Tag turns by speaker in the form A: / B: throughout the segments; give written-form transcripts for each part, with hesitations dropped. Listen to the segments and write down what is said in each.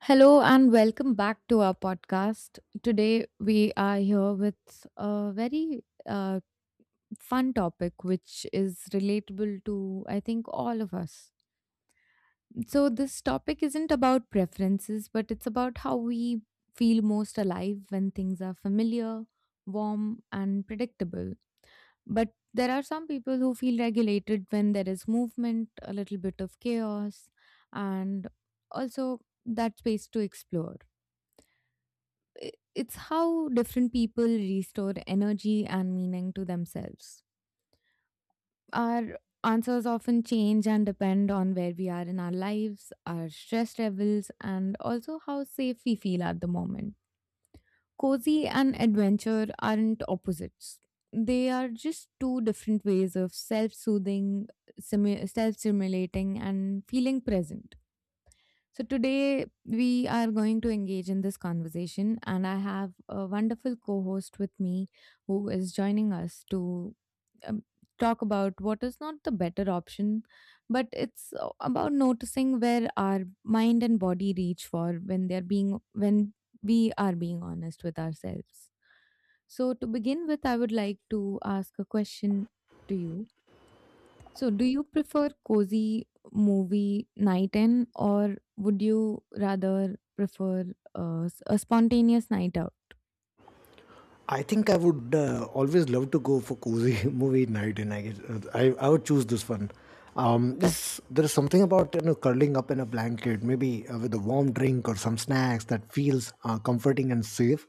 A: Hello and welcome back to our podcast. Today we are here with a very fun topic which is relatable to, I think, all of us. So this topic isn't about preferences, but it's about how we feel most alive when things are familiar, warm and predictable. But there are some people who feel regulated when there is movement, a little bit of chaos, and also that space to explore. It's how different people restore energy and meaning to themselves. Our answers often change and depend on where we are in our lives, our stress levels, and also how safe we feel at the moment. Cozy and adventure aren't opposites. They are just two different ways of self soothing, self stimulating, and feeling present. So today we are going to engage in this conversation, and I have a wonderful co-host with me who is joining us to um, talk about what is not the better option, but it's about noticing where our mind and body reach for when they're being when we are being honest with ourselves. So to begin with, I would like to ask a question to you. So, do you prefer cozy movie night in, or would you rather prefer a spontaneous night out?
B: I think I would always love to go for cozy movie night, and I guess I would choose this one. This there is something about curling up in a blanket, maybe with a warm drink or some snacks that feels comforting and safe.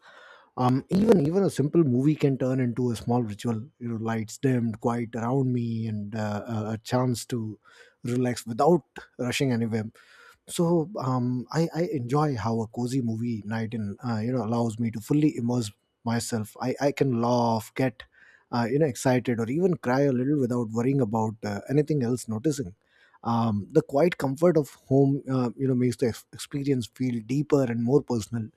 B: Even a simple movie can turn into a small ritual. You know, lights dimmed, quiet around me, and a chance to relax without rushing anywhere, so I enjoy how a cozy movie night in allows me to fully immerse myself. I can laugh, get excited, or even cry a little without worrying about anything else noticing. The quiet comfort of home, makes the experience feel deeper and more personal.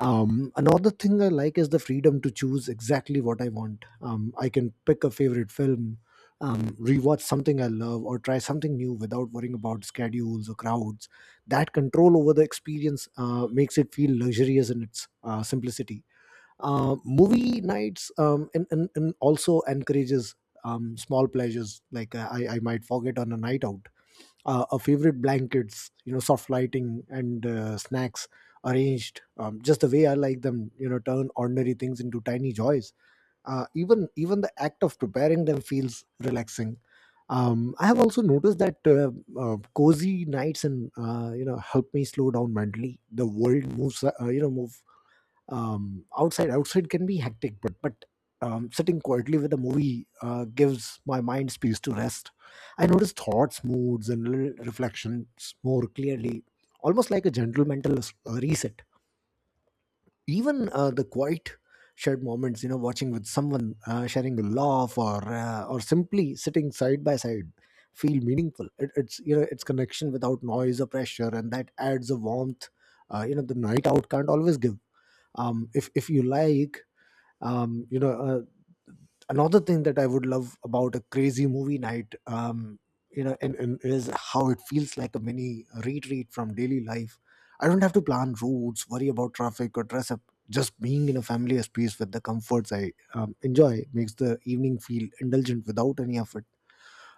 B: Another thing I like is the freedom to choose exactly what I want. I can pick a favorite film, rewatch something I love, or try something new without worrying about schedules or crowds. That control over the experience makes it feel luxurious in its simplicity. Movie nights and also encourages small pleasures like I might forget on a night out. A favorite blankets, soft lighting, and snacks arranged just the way I like them, turn ordinary things into tiny joys. Even the act of preparing them feels relaxing. I have also noticed that cozy nights and help me slow down mentally. The world moves, you know move outside can be hectic, but sitting quietly with a movie gives my mind space to rest. I notice thoughts, moods, and little reflections more clearly, almost like a gentle mental reset. Even the quiet shared moments, watching with someone, sharing a laugh or simply sitting side by side, feel meaningful. It's it's connection without noise or pressure, and that adds a warmth the night out can't always give, if you like. um, you know uh, Another thing that I would love about a crazy movie night, you know and is how it feels like a mini retreat from daily life. I don't have to plan routes, worry about traffic, or dress up. Just being in a familiar space with the comforts I enjoy makes the evening feel indulgent without any effort.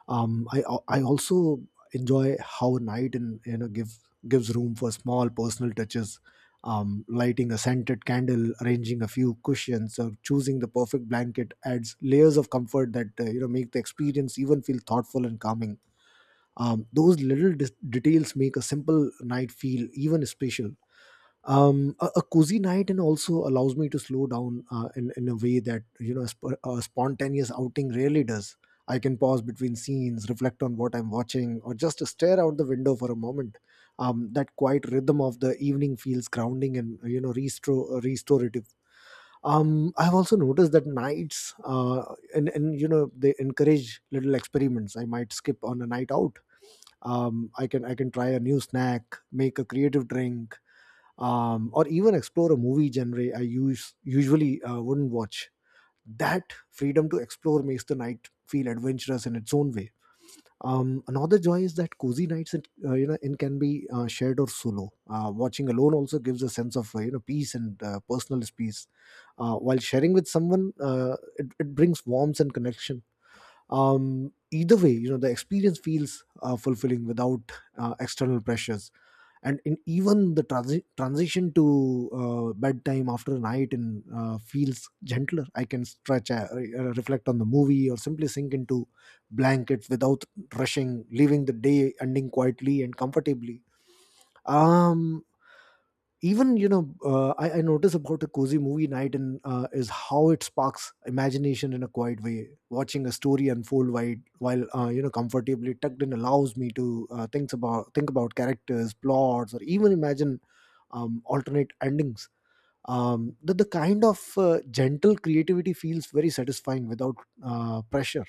B: I also enjoy how night and gives room for small personal touches. Lighting a scented candle, arranging a few cushions, or choosing the perfect blanket adds layers of comfort that make the experience even feel thoughtful and calming. Those little details make a simple night feel even special. A cozy night and also allows me to slow down in a way that a spontaneous outing rarely does. I can pause between scenes, reflect on what I'm watching, or just stare out the window for a moment. That quiet rhythm of the evening feels grounding and restorative. I've also noticed that nights, and they encourage little experiments I might skip on a night out. I can try a new snack, make a creative drink, or even explore a movie genre I use usually wouldn't watch. That freedom to explore makes the night feel adventurous in its own way. Another joy is that cozy nights, in can be shared or solo. Watching alone also gives a sense of peace and personal space. While sharing with someone, it brings warmth and connection. Either way, the experience feels fulfilling without external pressures. And in even the transition to bedtime after night in feels gentler. I can stretch, reflect on the movie, or simply sink into blankets without rushing, leaving the day ending quietly and comfortably. Um, even you know, uh, I, I notice about a cozy movie night and is how it sparks imagination in a quiet way. Watching a story unfold while comfortably tucked in allows me to think about characters, plots, or even imagine alternate endings. The kind of gentle creativity feels very satisfying without pressure.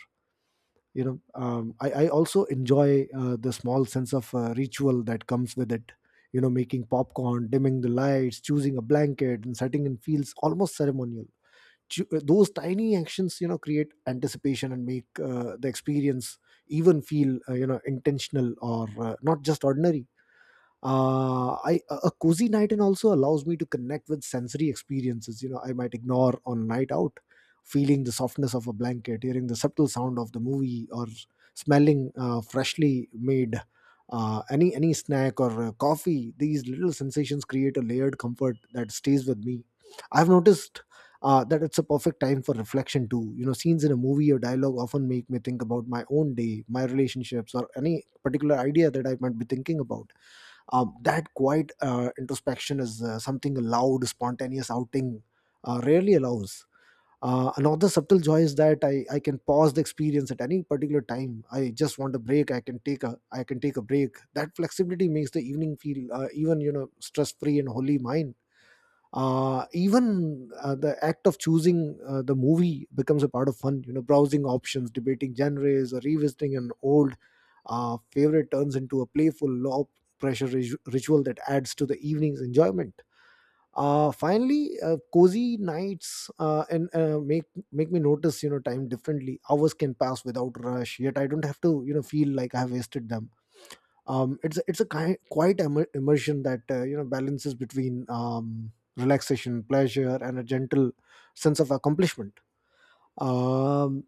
B: I also enjoy the small sense of ritual that comes with it. Making popcorn, dimming the lights, choosing a blanket, and setting in feels almost ceremonial. Those tiny actions, create anticipation and make the experience even feel intentional, or not just ordinary. Uh, I a a cozy night in also allows me to connect with sensory experiences. You know, I might ignore on night out, feeling the softness of a blanket, hearing the subtle sound of the movie, or smelling freshly made any snack or coffee. These little sensations create a layered comfort that stays with me. I've noticed. That it's a perfect time for reflection too. You know, scenes in a movie or dialogue often make me think about my own day, my relationships, or any particular idea that I might be thinking about. That quiet introspection is something a loud, spontaneous outing rarely allows. Another subtle joy is that I can pause the experience at any particular time. I just want a break. I can take a break. That flexibility makes the evening feel even you know stress free and wholly mine. Even The act of choosing the movie becomes a part of fun. Browsing options, debating genres, or revisiting an old favorite turns into a playful low pressure ritual that adds to the evening's enjoyment. Finally, cozy nights and make make me notice time differently. Hours can pass without rush, yet I don't have to feel like I have wasted them. It's a kind, quite immersion that balances between relaxation, pleasure, and a gentle sense of accomplishment. Um,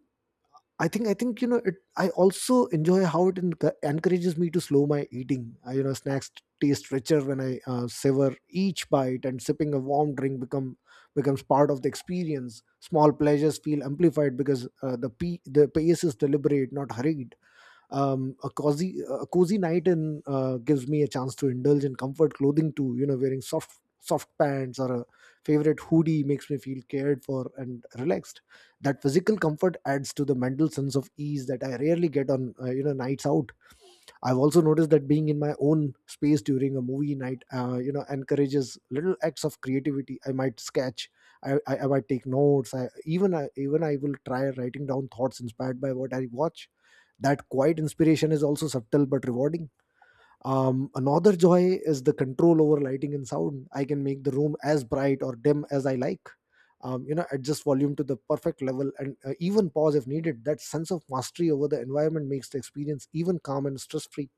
B: I think you know it. I also enjoy how it encourages me to slow my eating. Snacks taste richer when I savor each bite, and sipping a warm drink becomes part of the experience. Small pleasures feel amplified because the pace is deliberate, not hurried. A cozy night in gives me a chance to indulge in comfort clothing too. Wearing soft pants or a favorite hoodie makes me feel cared for and relaxed. That physical comfort adds to the mental sense of ease that I rarely get on nights out. I've also noticed that being in my own space during a movie night, encourages little acts of creativity. I might sketch, I might take notes. I even I will try writing down thoughts inspired by what I watch. That quiet inspiration is also subtle but rewarding. Another joy is the control over lighting and sound. I can make the room as bright or dim as I like. Adjust volume to the perfect level, and even pause if needed. That sense of mastery over the environment makes the experience even calm and stress free.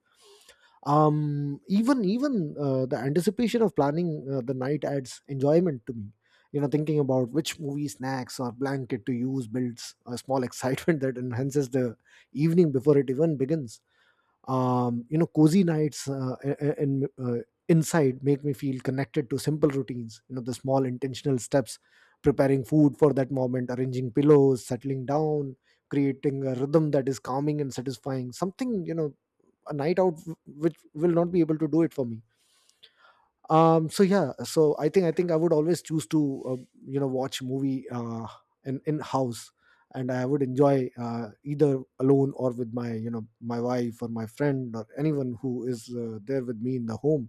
B: Even even The anticipation of planning the night adds enjoyment to me. You know, thinking about which movie snacks or blanket to use builds a small excitement that enhances the evening before it even begins. You know, cozy nights I- in inside make me feel connected to simple routines. The small intentional steps, preparing food for that moment, arranging pillows, settling down, creating a rhythm that is calming and satisfying, something a night out which will not be able to do it for me. So yeah, I think I would always choose to uh, watch movie in house, and I would enjoy either alone or with my my wife or my friend or anyone who is there with me in the home.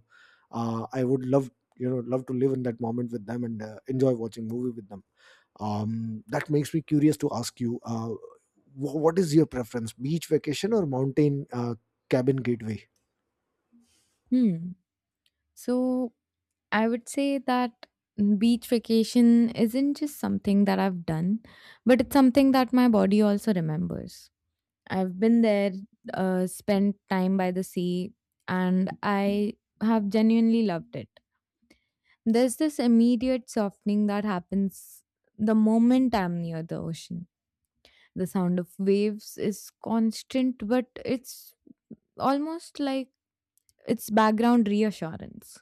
B: I would love, love to live in that moment with them and enjoy watching movie with them. um, that makes me curious to ask you, what is your preference, beach vacation or mountain cabin gateway?
A: Hmm. So, I would say that beach vacation isn't just something that I've done, but it's something that my body also remembers. I've been there, spent time by the sea, and I have genuinely loved it. There's this immediate softening that happens the moment I'm near the ocean. The sound of waves is constant, but it's almost like it's background reassurance.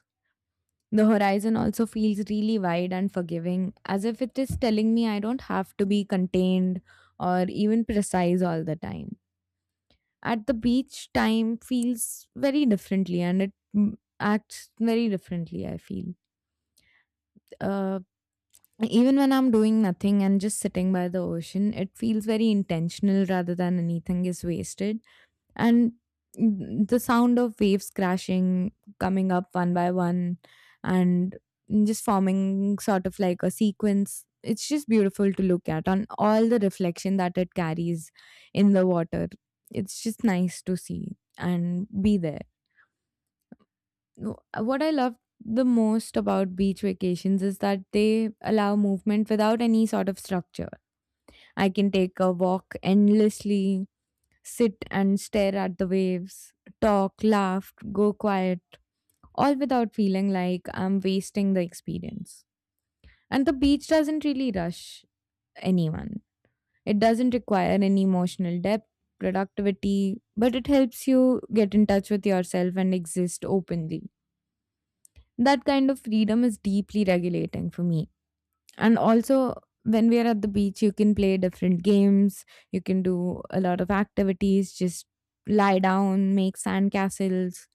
A: The horizon also feels really wide and forgiving, as if it is telling me I don't have to be contained or even precise all the time. At the beach, time feels very differently and it, acts very differently, I feel. Uh, Even when I'm doing nothing and just sitting by the ocean, it feels very intentional rather than anything is wasted. And the sound of waves crashing, coming up one by one and just forming sort of like a sequence, it's just beautiful to look at, on all the reflection that it carries in the water. It's just nice to see and be there. What I love the most about beach vacations is that they allow movement without any sort of structure. I can take a walk endlessly, sit and stare at the waves, talk, laugh, go quiet, all without feeling like I'm wasting the experience. And the beach doesn't really rush anyone, it doesn't require any emotional depth, productivity, but it helps you get in touch with yourself and exist openly. That kind of freedom is deeply regulating for me. And also, when we are at the beach, you can play different games, you can do a lot of activities, just lie down, make sand castles,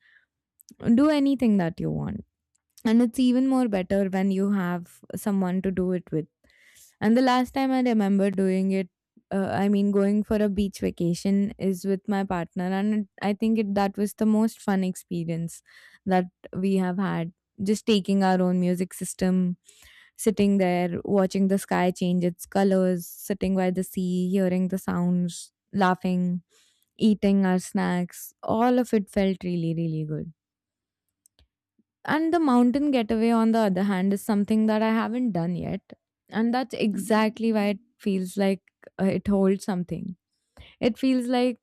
A: do anything that you want. And it's even more better when you have someone to do it with. And the last time I remember doing it, I mean, going for a beach vacation, is with my partner, and I think it, that was the most fun experience that we have had. Just taking our own music system, sitting there, watching the sky change its colors, sitting by the sea, hearing the sounds, laughing, eating our snacks. All of it felt really, really good. And the mountain getaway, on the other hand, is something that I haven't done yet. And that's exactly why it feels like it holds something. It feels like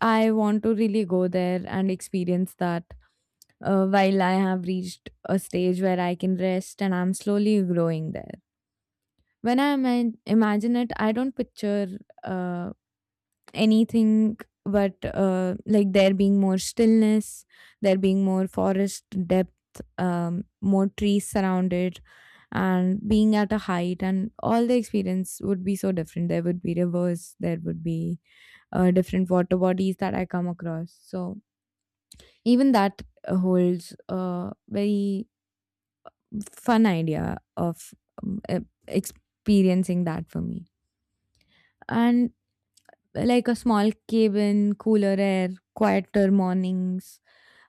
A: I want to really go there and experience that, while I have reached a stage where I can rest and I'm slowly growing there. When I imagine it, I don't picture uh, anything but, like there being more stillness, there being more forest depth, more trees surrounded, and being at a height, and all the experience would be so different. There would be rivers, there would be different water bodies that I come across. So even that holds a very fun idea of experiencing that for me. And like a small cabin, cooler air, quieter mornings,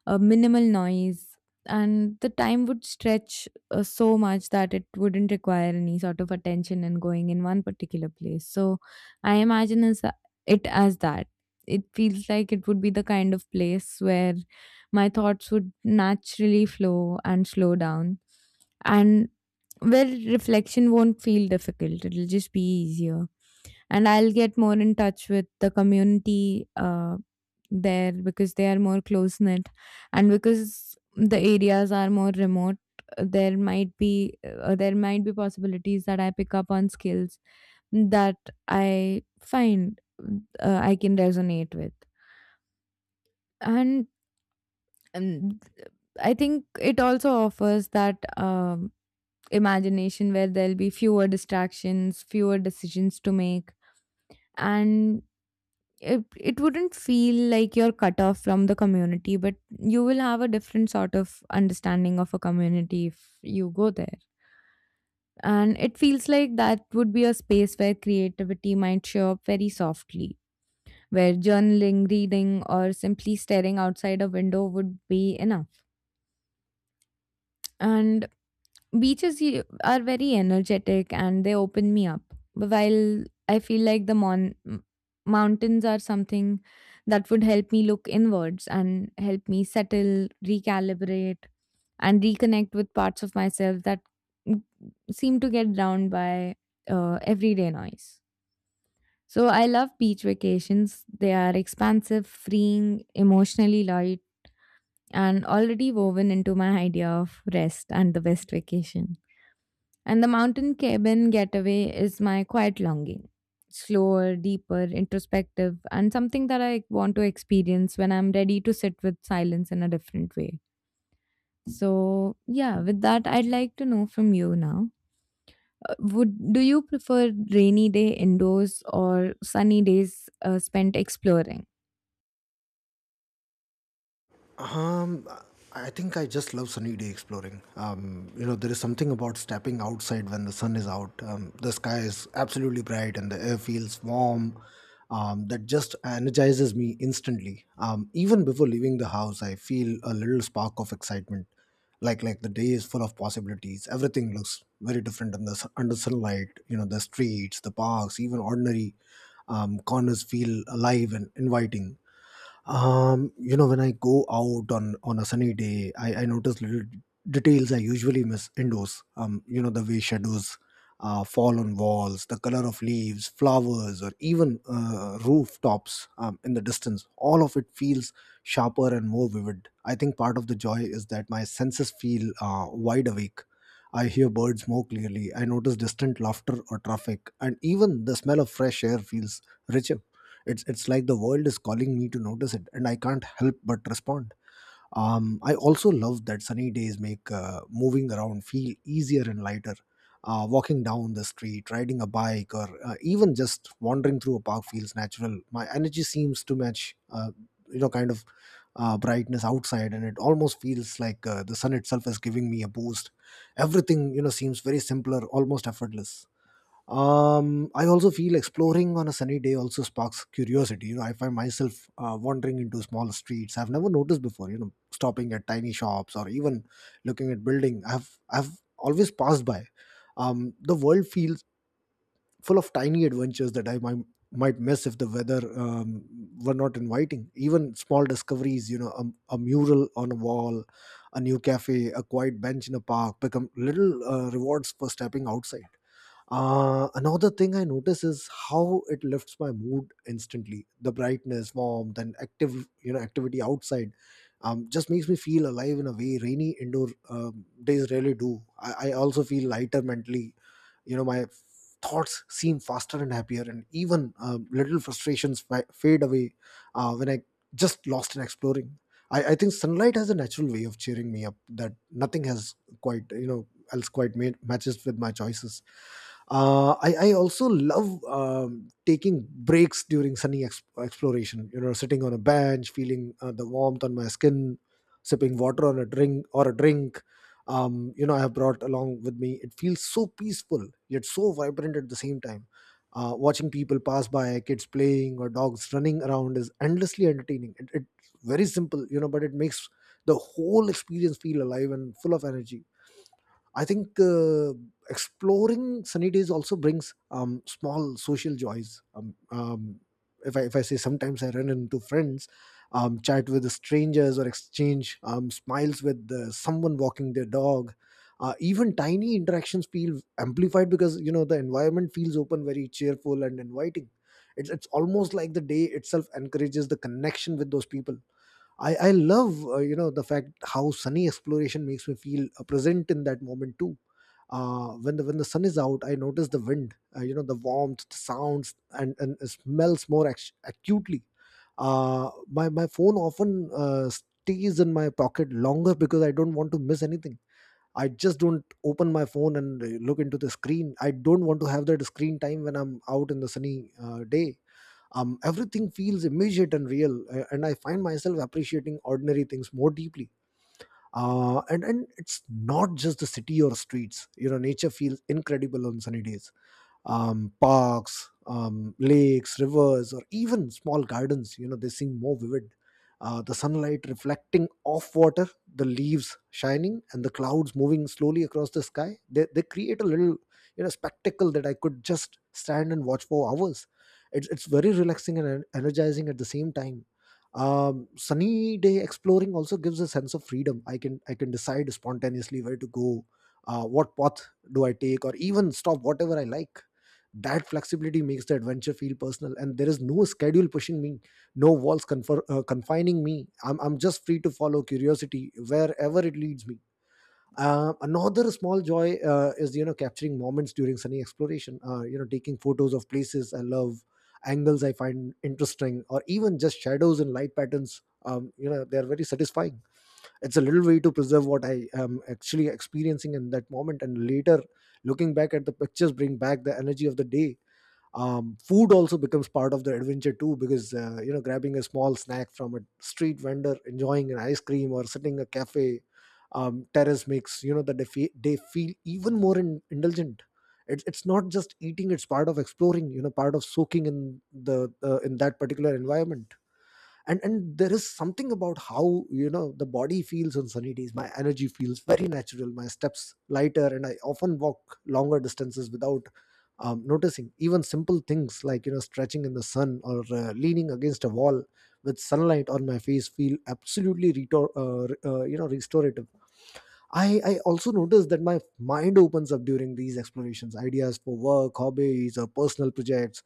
A: minimal noise, and the time would stretch so much that it wouldn't require any sort of attention and going in one particular place. So I imagine as, it as that. It feels like it would be the kind of place where my thoughts would naturally flow and slow down, and where reflection won't feel difficult, it'll just be easier, and I'll get more in touch with the community there, because they are more close knit. And because the areas are more remote, there might be possibilities that I pick up on skills that I find I can resonate with. And um, I think it also offers that, imagination where there'll be fewer distractions, fewer decisions to make, and it wouldn't feel like you're cut off from the community, but you will have a different sort of understanding of a community if you go there. And it feels like that would be a space where creativity might show up very softly, where journaling, reading, or simply staring outside a window would be enough. And beaches are very energetic and they open me up, while I feel like the mountains are something that would help me look inwards and help me settle, recalibrate, and reconnect with parts of myself that, mm, seem to get drowned by everyday noise. So I love beach vacations. They are expansive, freeing, emotionally light, and already woven into my idea of rest and the best vacation. And the mountain cabin getaway is my quiet longing. Slower, deeper, introspective, and something that I want to experience when I'm ready to sit with silence in a different way. So, yeah, with that, I'd like to know from you now. Would do you prefer rainy day indoors or sunny days spent exploring?
B: Um, I think I just love sunny day exploring. You know, there is something about stepping outside when the sun is out. The sky is absolutely bright and the air feels warm. That just energizes me instantly. Even before leaving the house, I feel a little spark of excitement. Like the day is full of possibilities. Everything looks very different under sunlight. You know, the streets, the parks, even ordinary corners feel alive and inviting. You know, when I go out on a sunny day, I notice little details I usually miss indoors. You know, the way shadows fall on walls, the color of leaves, flowers, or even rooftops in the distance, all of it feels sharper and more vivid. I think part of the joy is that my senses feel wide awake. I hear birds more clearly, I notice distant laughter or traffic, and even the smell of fresh air feels richer. It's like the world is calling me to notice it, and I can't help but respond. I also love that sunny days make moving around feel easier and lighter. Walking down the street, riding a bike, or even just wandering through a park feels natural. My energy seems to match, you know, kind of brightness outside, and it almost feels like the sun itself is giving me a boost. Everything, seems very simpler, almost effortless. I also feel exploring on a sunny day also sparks curiosity. You know, I find myself wandering into small streets I've never noticed before. You know, stopping at tiny shops or even looking at building I've always passed by. The world feels full of tiny adventures that I might miss if the weather were not inviting. Even small discoveries, you know, a mural on a wall, a new cafe, a quiet bench in a park, become little rewards for stepping outside. Another thing I notice is how it lifts my mood instantly. The brightness, warmth, and active, activity outside just makes me feel alive in a way rainy indoor days rarely do. I also feel lighter mentally. You know, my thoughts seem faster and happier, and even little frustrations fade away when I just lost in exploring. I think sunlight has a natural way of cheering me up that nothing has quite, you know, else quite made, matches with my choices. I also love taking breaks during sunny exploration, you know, sitting on a bench, feeling the warmth on my skin, sipping water on a drink or a drink you know, I have brought along with me. It feels so peaceful yet so vibrant at the same time. Watching people pass by, kids playing or dogs running around is endlessly entertaining. It's very simple, you know, but it makes the whole experience feel alive and full of energy. I think exploring sunny days also brings small social joys. If I say sometimes I run into friends, chat with the strangers, or exchange smiles with someone walking their dog. Even tiny interactions feel amplified because you know the environment feels open, very cheerful and inviting. It's almost like the day itself encourages the connection with those people. I love, the fact how sunny exploration makes me feel present in that moment too. When the sun is out, I notice the wind, the warmth, the sounds, and smells more acutely. My phone often stays in my pocket longer because I don't want to miss anything. I just don't open my phone and look into the screen. I don't want to have that screen time when I'm out in the sunny day. Everything feels immediate and real, and I find myself appreciating ordinary things more deeply. And it's not just the city or streets, you know, nature feels incredible on sunny days. Parks, lakes, rivers, or even small gardens, you know, they seem more vivid. The sunlight reflecting off water, the leaves shining, and the clouds moving slowly across the sky, they create a little, you know, spectacle that I could just stand and watch for hours. It's very relaxing and energizing at the same time. Sunny day exploring also gives a sense of freedom. I can decide spontaneously where to go, what path do I take, or even stop whatever I like. That flexibility makes the adventure feel personal, and there is no schedule pushing me, no walls confining me. I'm just free to follow curiosity wherever it leads me. Uh, another small joy is, capturing moments during sunny exploration, taking photos of places I love, angles I find interesting, or even just shadows and light patterns. You know, they are very satisfying. It's a little way to preserve what I am actually experiencing in that moment, and later looking back at the pictures bring back the energy of the day. Food also becomes part of the adventure too, because you know, grabbing a small snack from a street vendor, enjoying an ice cream, or sitting a cafe terrace makes, that they feel even more indulgent. It's not just eating, it's part of exploring, you know, part of soaking in the in that particular environment. And there is something about how, you know, the body feels on sunny days. My energy feels very natural, my steps lighter, and I often walk longer distances without noticing. Even simple things like, you know, stretching in the sun or leaning against a wall with sunlight on my face feel absolutely you know, restorative. I also notice that my mind opens up during these explorations. Ideas for work, hobbies, or personal projects,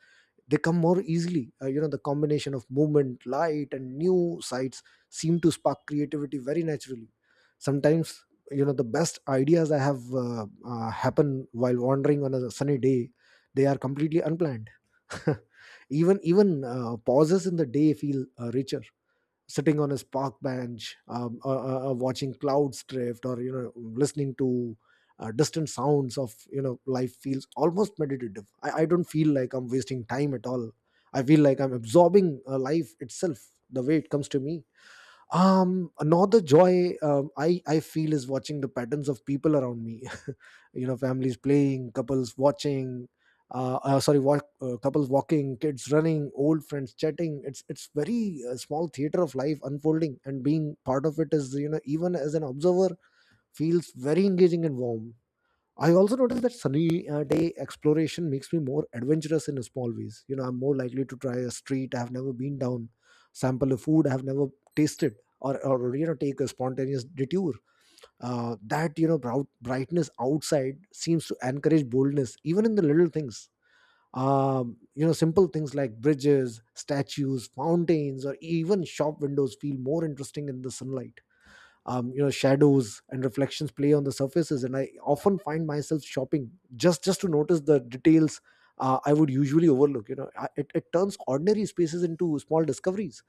B: they come more easily. You know, the combination of movement, light, and new sights seem to spark creativity very naturally. Sometimes, you know, the best ideas I have happen while wandering on a sunny day. They are completely unplanned. Even pauses in the day feel richer. Sitting on his park bench, watching clouds drift, or you know, listening to distant sounds of, life feels almost meditative. I don't feel like I'm wasting time at all. I feel like I'm absorbing life itself the way it comes to me. Another joy, I feel, is watching the patterns of people around me. You know, families playing, couples watching, couples walking, kids running, old friends chatting. It's very, small theater of life unfolding, and being part of it is, you know, even as an observer, feels very engaging and warm. I also noticed that sunny day exploration makes me more adventurous in small ways. You know, I'm more likely to try a street I have never been down, sample a food I have never tasted, or you know, take a spontaneous detour. That, brightness outside seems to encourage boldness, even in the little things. You know, simple things like bridges, statues, fountains, or even shop windows feel more interesting in the sunlight. You know, shadows and reflections play on the surfaces, and I often find myself shopping just to notice the details I would usually overlook. It, it turns ordinary spaces into small discoveries.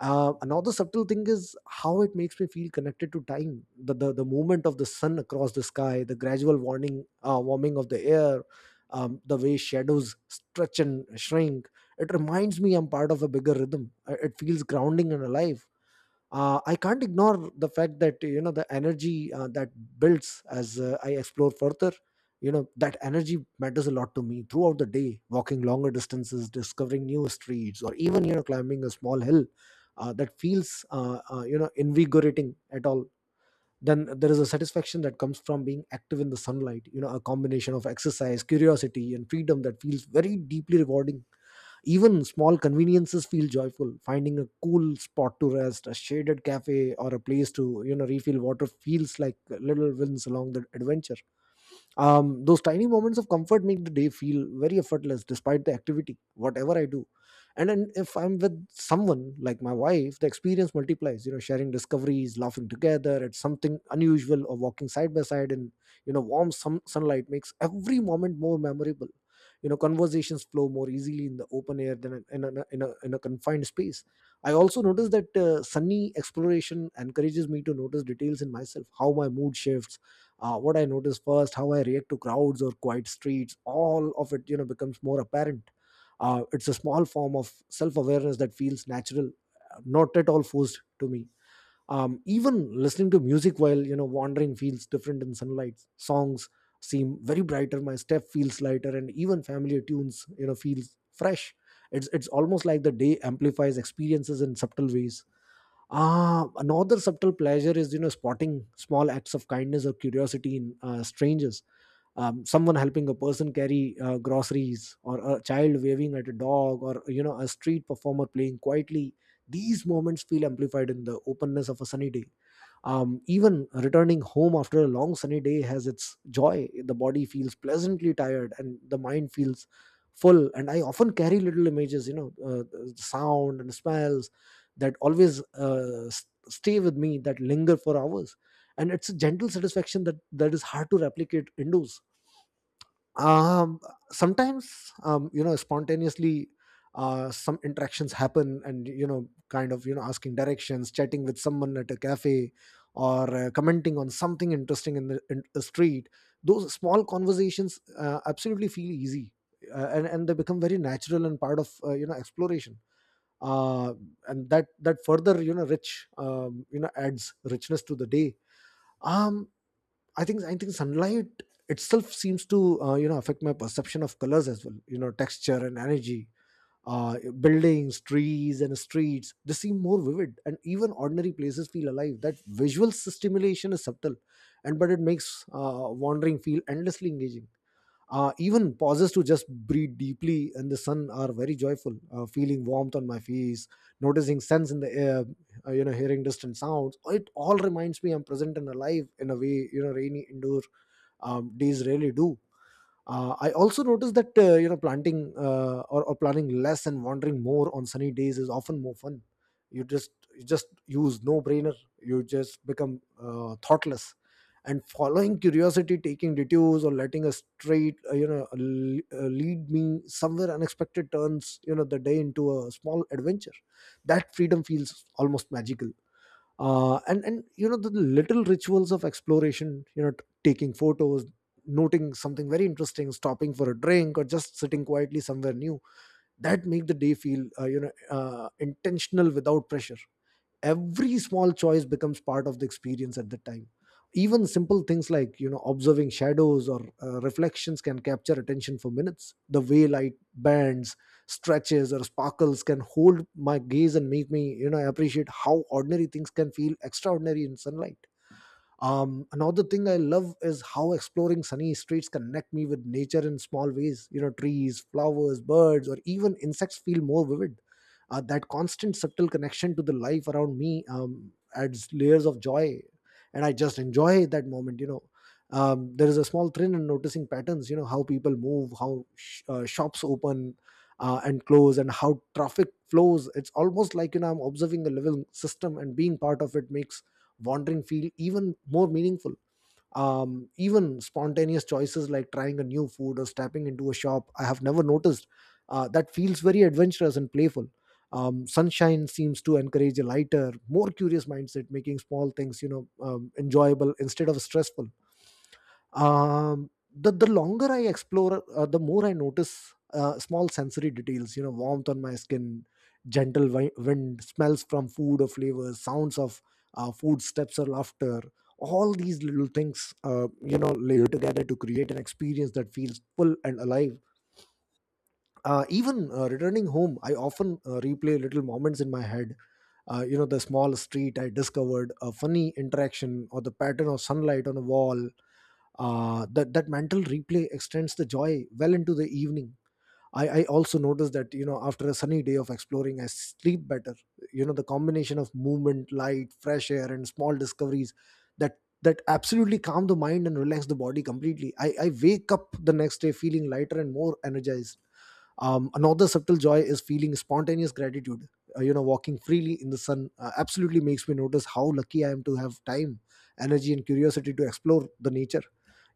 B: Uh, another subtle thing is how it makes me feel connected to time. The movement of the sun across the sky, the gradual warning warming of the air, the way shadows stretch and shrink, it reminds me I'm part of a bigger rhythm. It feels grounding and alive. Uh, I can't ignore the fact that, you know, the energy that builds as I explore further. You know, that energy matters a lot to me throughout the day, walking longer distances, discovering new streets, or even, you know, climbing a small hill. That feels you know, invigorating at all. Then there is a satisfaction that comes from being active in the sunlight, you know, a combination of exercise, curiosity, and freedom that feels very deeply rewarding. Even small conveniences feel joyful. Finding a cool spot to rest, a shaded cafe, or a place to, you know, refill water feels like little wins along the adventure. Those tiny moments of comfort make the day feel very effortless, despite the activity, whatever I do. And then if I'm with someone like my wife, the experience multiplies. You know, sharing discoveries, laughing together at something unusual, or walking side by side in warm sunlight makes every moment more memorable. Conversations flow more easily in the open air than in a confined space. I also notice that sunny exploration encourages me to notice details in myself, how my mood shifts, what I notice first, how I react to crowds or quiet streets. All of it becomes more apparent. It's a small form of self-awareness that feels natural, not at all forced to me. Even listening to music while wandering feels different in sunlight. Songs seem very brighter, my step feels lighter, and even familiar tunes feels fresh. It's almost like the day amplifies experiences in subtle ways. Another subtle pleasure is spotting small acts of kindness or curiosity in strangers. Someone helping a person carry groceries, or a child waving at a dog, or a street performer playing quietly. These moments feel amplified in the openness of a sunny day. Even returning home after a long sunny day has its joy. The body feels pleasantly tired and the mind feels full, and I often carry little images, the sound and smells that always stay with me, that linger for hours. And it's a gentle satisfaction that is hard to replicate indoors. Um sometimes um you know spontaneously, some interactions happen, and kind of, asking directions, chatting with someone at a cafe, or commenting on something interesting in the street. Those small conversations absolutely feel easy, and they become very natural and part of exploration. Uh and that further you know rich you know adds richness to the day. Um I think I think sunlight itself seems to affect my perception of colors as well. Texture and energy. Buildings, trees, and streets, they seem more vivid, and even ordinary places feel alive. That visual stimulation is subtle, and but it makes wandering feel endlessly engaging. Even pauses to just breathe deeply in the sun are very joyful. Feeling warmth on my face, noticing scents in the air, hearing distant sounds. It all reminds me I'm present and alive in a way rainy indoor days really do. I also noticed that you know planting or planning less and wandering more on sunny days is often more fun. You just use no brainer. You just become thoughtless, and following curiosity, taking detours, or letting a straight lead me somewhere unexpected turns the day into a small adventure. That freedom feels almost magical. And you know The little rituals of exploration, taking photos, noting something very interesting, stopping for a drink, or just sitting quietly somewhere new, that make the day feel intentional without pressure. Every small choice becomes part of the experience at that time. Even simple things like observing shadows or reflections can capture attention for minutes. The way light bends, stretches, or sparkles can hold my gaze and make me appreciate how ordinary things can feel extraordinary in sunlight. Another thing I love is how exploring sunny streets connect me with nature in small ways. You know, trees, flowers, birds, or even insects feel more vivid. That constant subtle connection to the life around me adds layers of joy, and I just enjoy that moment. There is a small thrill in noticing patterns. You know, how people move, how shops open and close, and how traffic flows. It's almost like I'm observing a living system, and being part of it makes wandering feel even more meaningful. Even spontaneous choices like trying a new food or stepping into a shop I have never noticed, that feels very adventurous and playful. Sunshine seems to encourage a lighter, more curious mindset, making small things enjoyable instead of stressful. The longer I explore, the more I notice small sensory details. You know, warmth on my skin, gentle wind, smells from food or flavors, sounds of food steps or laughter. All these little things, layer together to create an experience that feels full and alive. Even returning home, I often replay little moments in my head, the small street I discovered, a funny interaction, or the pattern of sunlight on a wall. That mental replay extends the joy well into the evening. I also noticed that after a sunny day of exploring, I sleep better. You know the combination of movement, light, fresh air, and small discoveries, that that absolutely calm the mind and relax the body completely. I wake up the next day feeling lighter and more energized. Another subtle joy is feeling spontaneous gratitude. Walking freely in the sun absolutely makes me notice how lucky I am to have time, energy, and curiosity to explore the nature.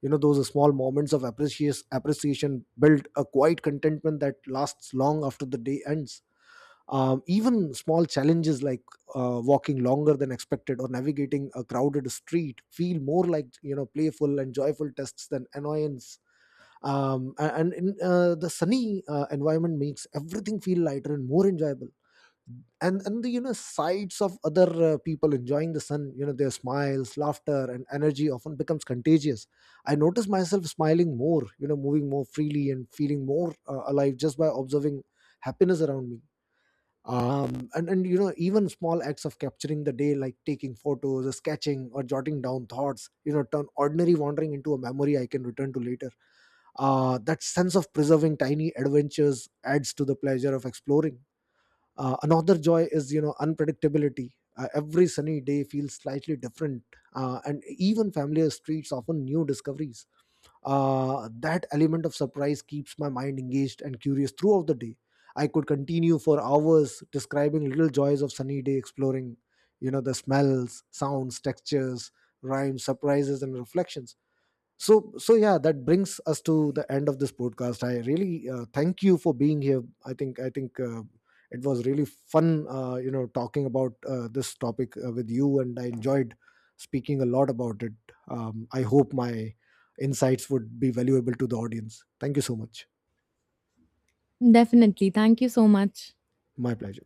B: You know, those small moments of appreciation build a quiet contentment that lasts long after the day ends. Even small challenges like walking longer than expected or navigating a crowded street feel more like playful and joyful tests than annoyance. A- and in The sunny environment makes everything feel lighter and more enjoyable. And the, sights of other people enjoying the sun, their smiles, laughter, and energy often becomes contagious. I notice myself smiling more, moving more freely and feeling more alive just by observing happiness around me. And you know Even small acts of capturing the day, like taking photos or sketching or jotting down thoughts, turn ordinary wandering into a memory I can return to later. That sense of preserving tiny adventures adds to the pleasure of exploring. Another joy is, unpredictability. Every sunny day feels slightly different, and even familiar streets offer new discoveries. That element of surprise keeps my mind engaged and curious throughout the day. I could continue for hours describing little joys of sunny day exploring, you know, the smells, sounds, textures, rhymes, surprises, and reflections. So yeah, that brings us to the end of this podcast. I really thank you for being here. I think it was really fun talking about this topic with you, and I enjoyed speaking a lot about it. I hope my insights would be valuable to the audience. Thank you so much.
A: Definitely. Thank you so much.
B: My pleasure.